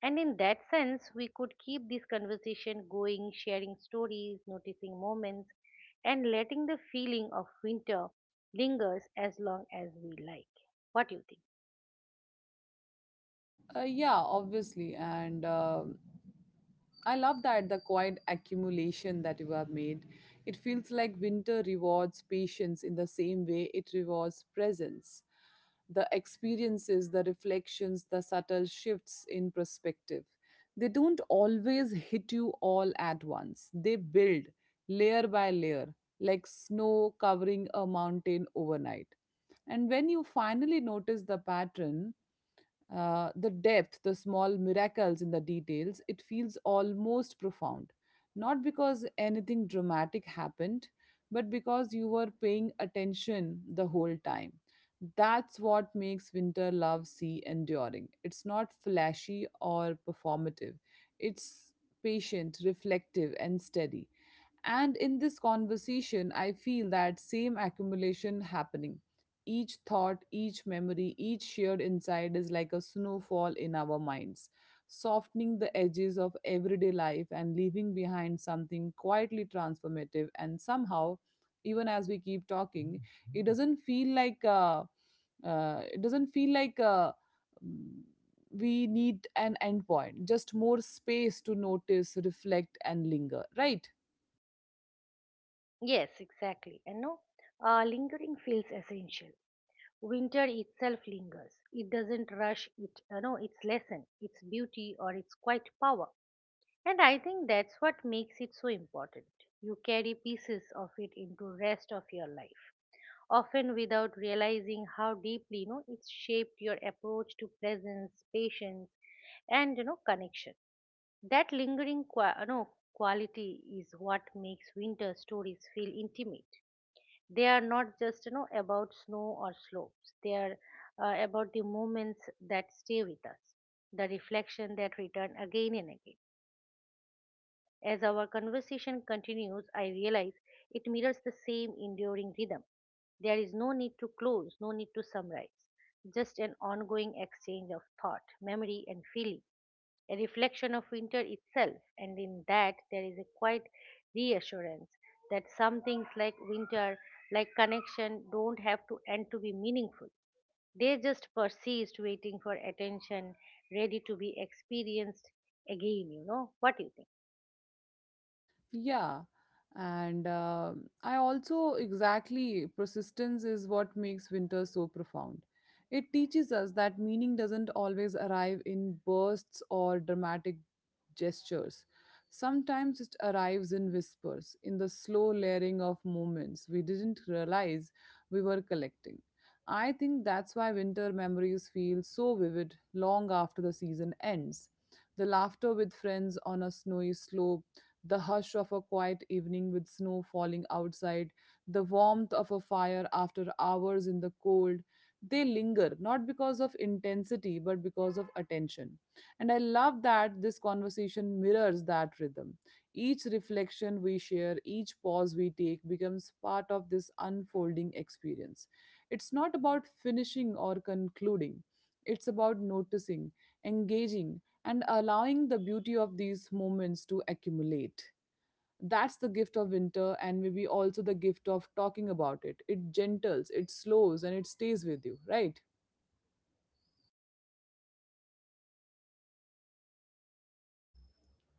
S2: And in that sense, we could keep this conversation going, sharing stories, noticing moments, and letting the feeling of winter lingers as long as we like. What do you think?
S1: Yeah, obviously. And I love that the quiet accumulation that you have made. It feels like winter rewards patience in the same way it rewards presence. The experiences, the reflections, the subtle shifts in perspective. They don't always hit you all at once. They build layer by layer, like snow covering a mountain overnight. And when you finally notice the pattern, the depth, the small miracles in the details, it feels almost profound. Not because anything dramatic happened, but because you were paying attention the whole time. That's what makes winter love sea enduring. It's not flashy or performative, it's patient, reflective, and steady. And in this conversation, I feel that same accumulation happening. Each thought, each memory, each shared insight is like a snowfall in our minds, softening the edges of everyday life and leaving behind something quietly transformative. And somehow, even as we keep talking, it doesn't feel like uh, it doesn't feel like mm, we need an endpoint, just more space to notice, reflect, and linger, right?
S2: Yes, exactly. And no, lingering feels essential. Winter itself lingers. It doesn't rush it, its lesson, its beauty, or its quiet power. And I think that's what makes it so important. You carry pieces of it into rest of your life, often without realizing how deeply it's shaped your approach to presence, patience, and connection. That lingering quality is what makes winter stories feel intimate. They are not just about snow or slopes. They are about the moments that stay with us, the reflection that return again and again. As our conversation continues, I realize it mirrors the same enduring rhythm. There is no need to close, no need to summarize, just an ongoing exchange of thought, memory, and feeling, a reflection of winter itself. And in that there is a quiet reassurance that some things, like winter, like connection, don't have to end to be meaningful. They just persist, waiting for attention, ready to be experienced again, you know. What do you think?
S1: Yeah. And I also exactly persistence is what makes winter so profound. It teaches us that meaning doesn't always arrive in bursts or dramatic gestures. Sometimes it arrives in whispers, in the slow layering of moments we didn't realize we were collecting. I think that's why winter memories feel so vivid long after the season ends. The laughter with friends on a snowy slope the hush of a quiet evening with snow falling outside, the warmth of a fire after hours in the cold. They linger not because of intensity but because of attention. And I love that this conversation mirrors that rhythm. Each reflection we share, each pause we take becomes part of this unfolding experience. It's not about finishing or concluding, it's about noticing, engaging, and allowing the beauty of these moments to accumulate. That's the gift of winter, and maybe also the gift of talking about it. It gentles, it slows, and it stays with you, right?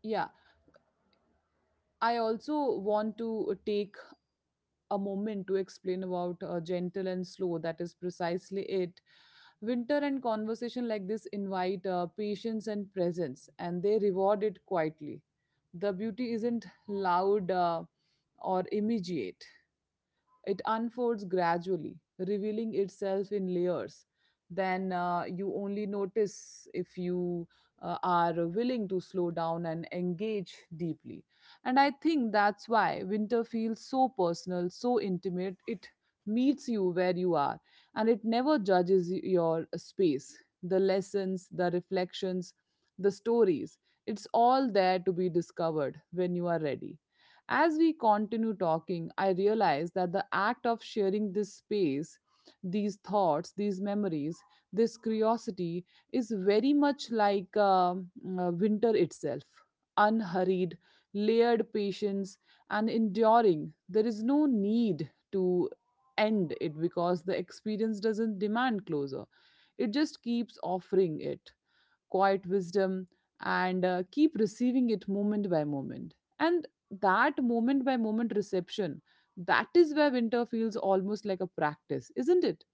S1: Yeah. I also want to take a moment to explain about gentle and slow. That is precisely it. Winter and conversation like this invite patience and presence, and they reward it quietly. The beauty isn't loud or immediate, it unfolds gradually, revealing itself in layers. Then you only notice if you are willing to slow down and engage deeply. And I think that's why winter feels so personal, so intimate. It meets you where you are and it never judges your space. The lessons, the reflections, the stories, it's all there to be discovered when you are ready. As we continue talking, I realize that the act of sharing this space, these thoughts, these memories, this curiosity is very much like winter itself unhurried, layered patience, and enduring. There is no need to end it because the experience doesn't demand closure, it just keeps offering it quiet wisdom, and keep receiving it moment by moment. And that moment by moment reception, that is where winter feels almost like a practice, isn't it?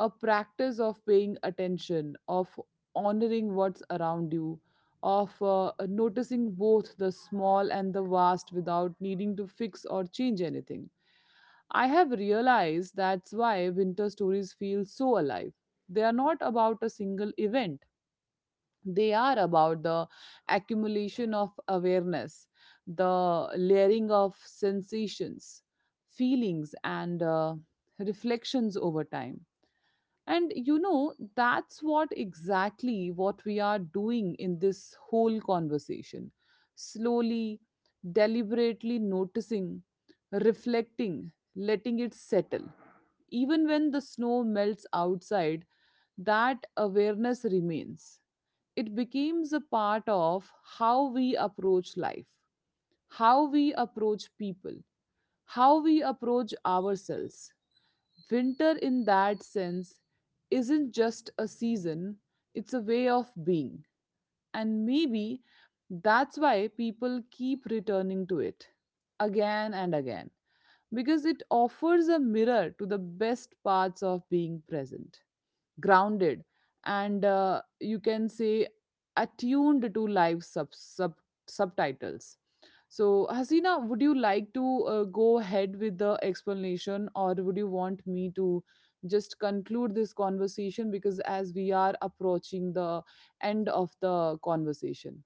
S1: A practice of paying attention, of honoring what's around you, of noticing both the small and the vast without needing to fix or change anything. I have realized that's why winter stories feel so alive. They are not about a single event they are about the accumulation of awareness, the layering of sensations, feelings, and reflections over time and you know that's what exactly what we are doing in this whole conversation slowly deliberately noticing reflecting letting it settle even when the snow melts outside that awareness remains it becomes a part of how we approach life how we approach people how we approach ourselves. Winter, in that sense, isn't just a season, it's a way of being. And maybe that's why people keep returning to it again and again, because it offers a mirror to the best parts of being present, grounded, and you can say attuned to life's subtitles. So, Hasina, would you like to go ahead with the explanation or would you want me to just conclude this conversation? Because as we are approaching the end of the conversation,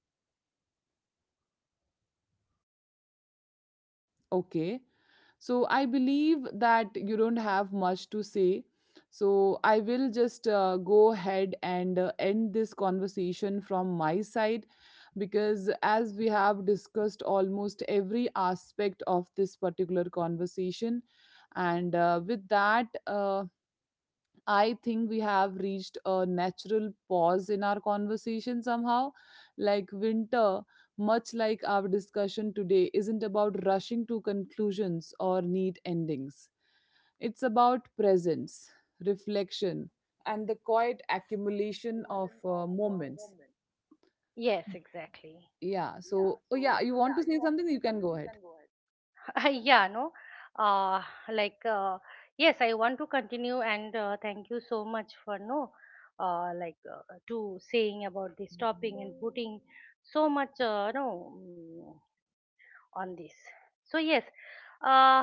S1: okay. So I believe that you don't have much to say. So I will just go ahead and end this conversation from my side because as we have discussed almost every aspect of this particular conversation and with that, I think we have reached a natural pause in our conversation somehow. Like winter, much like our discussion today, isn't about rushing to conclusions or neat endings. It's about presence, reflection, and the quiet accumulation of moments.
S2: Yes, exactly.
S1: Yeah. So, oh yeah, you want to say something? You can go ahead.
S2: Yeah, no. Uh, like uh, yes, I want to continue, and thank you so much for no, like to saying about this topic and putting so much, no mm, on this. So yes, uh,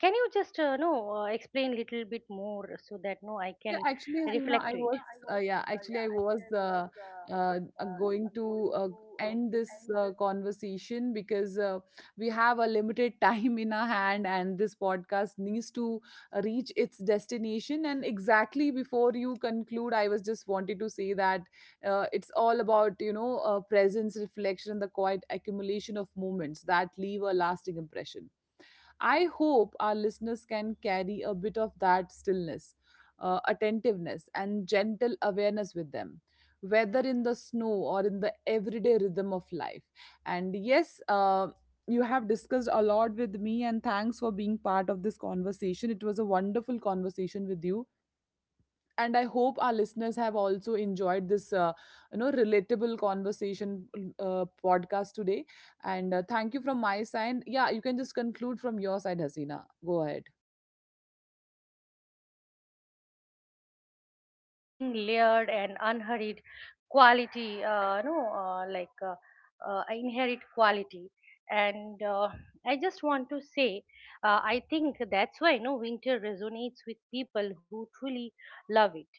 S2: can you just no explain little bit more, so that no I
S1: Yeah,
S2: can
S1: actually, Hasina,
S2: reflect
S1: I
S2: to it.
S1: was yeah, actually I was going to end this conversation because we have a limited time in our hand, and this podcast needs to reach its destination. And exactly before you conclude, I was just wanted to say that it's all about you know presence, reflection, and the quiet accumulation of moments that leave a lasting impression. I hope our listeners can carry a bit of that stillness, attentiveness, and gentle awareness with them, whether in the snow or in the everyday rhythm of life. And yes, you have discussed a lot with me, and thanks for being part of this conversation. It was a wonderful conversation with you and I hope our listeners have also enjoyed this you know relatable conversation podcast today and thank you from my side. Yeah, you can just conclude from your side, Hasina. Go ahead.
S2: Building layered and unhurried quality no like inherent quality, and I just want to say I think that's why no winter resonates with people who truly love it.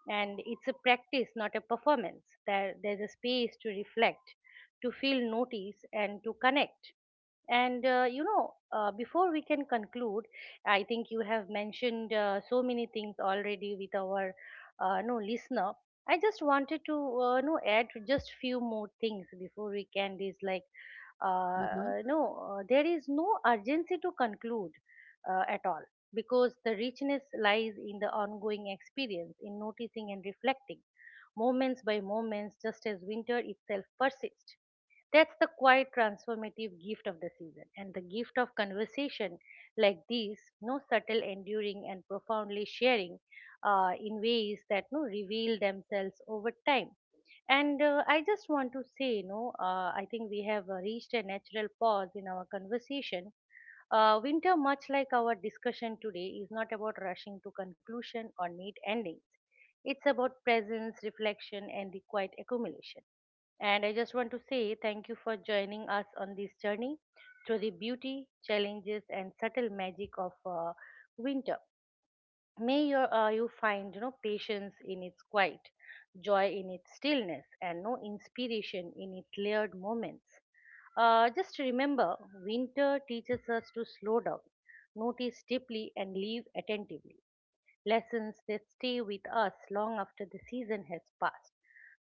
S2: And it's a practice, not a performance. There's a space to reflect, to feel, notice, and to connect. And before we can conclude, I think you have mentioned so many things already with our no listener. I just wanted to no add just few more things before we can. Is like
S1: Mhm.
S2: no, there is no urgency to conclude at all, because the richness lies in the ongoing experience, in noticing and reflecting, moments by moments, just as winter itself persists. That's the quite transformative gift of the season and the gift of conversation like these, no subtle, enduring, and profoundly sharing in ways that no reveal themselves over time. And I just want to say, no, I think we have reached a natural pause in our conversation. Winter, much like our discussion today, is not about rushing to conclusion or neat endings. It's about presence, reflection, and the quiet accumulation. And I just want to say thank you for joining us on this journey through the beauty, challenges, and subtle magic of winter. May your, you find patience in its quiet, joy in its stillness, and no inspiration in its layered moments. Just remember, winter teaches us to slow down, notice deeply, and live attentively. Lessons that stay with us long after the season has passed.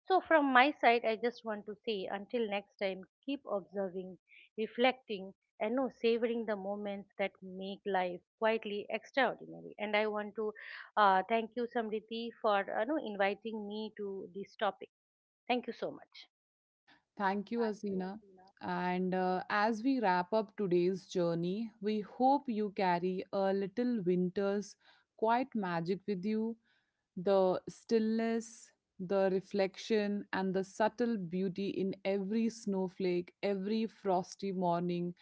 S2: So, from my side, I just want to say until next time, keep observing, reflecting, and no, savoring the moments that make life quietly extraordinary. And I want to thank you, Samriti, for no, inviting me to this topic. Thank you so much.
S1: Thank you, Asina. And as we wrap up today's journey, we hope you carry a little winter's quiet magic with you, the stillness, the reflection, and the subtle beauty in every snowflake, every frosty morning,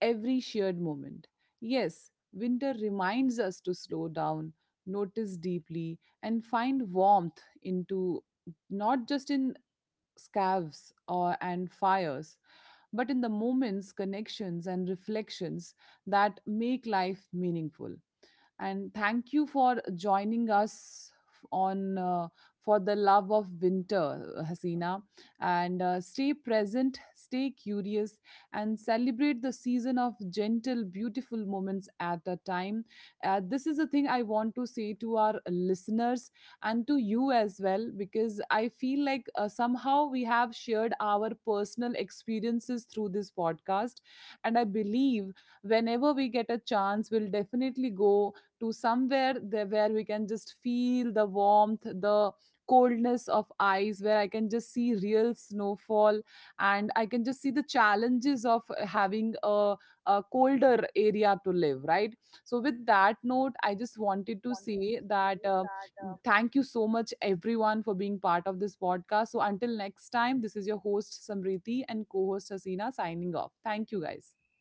S1: every shared moment. Yes, winter reminds us to slow down, notice deeply, and find warmth into not just in scaves or and fires, but in the moments, connections, and reflections that make life meaningful. And thank you for joining us on for the love of winter, Hasina. And stay present, stay curious, and celebrate the season of gentle beautiful moments at a time. This is a thing I want to say to our listeners and to you as well because I feel like somehow we have shared our personal experiences through this podcast and I believe whenever we get a chance, we'll definitely go to somewhere there where we can just feel the warmth, the coldness of ice, where I can just see real snowfall and I can just see the challenges of having a colder area to live, right? So, with that note, I just wanted to say that thank you so much, everyone, for being part of this podcast. So, until next time, this is your host, Samriti, and co host, Hasina, signing off. Thank you, guys.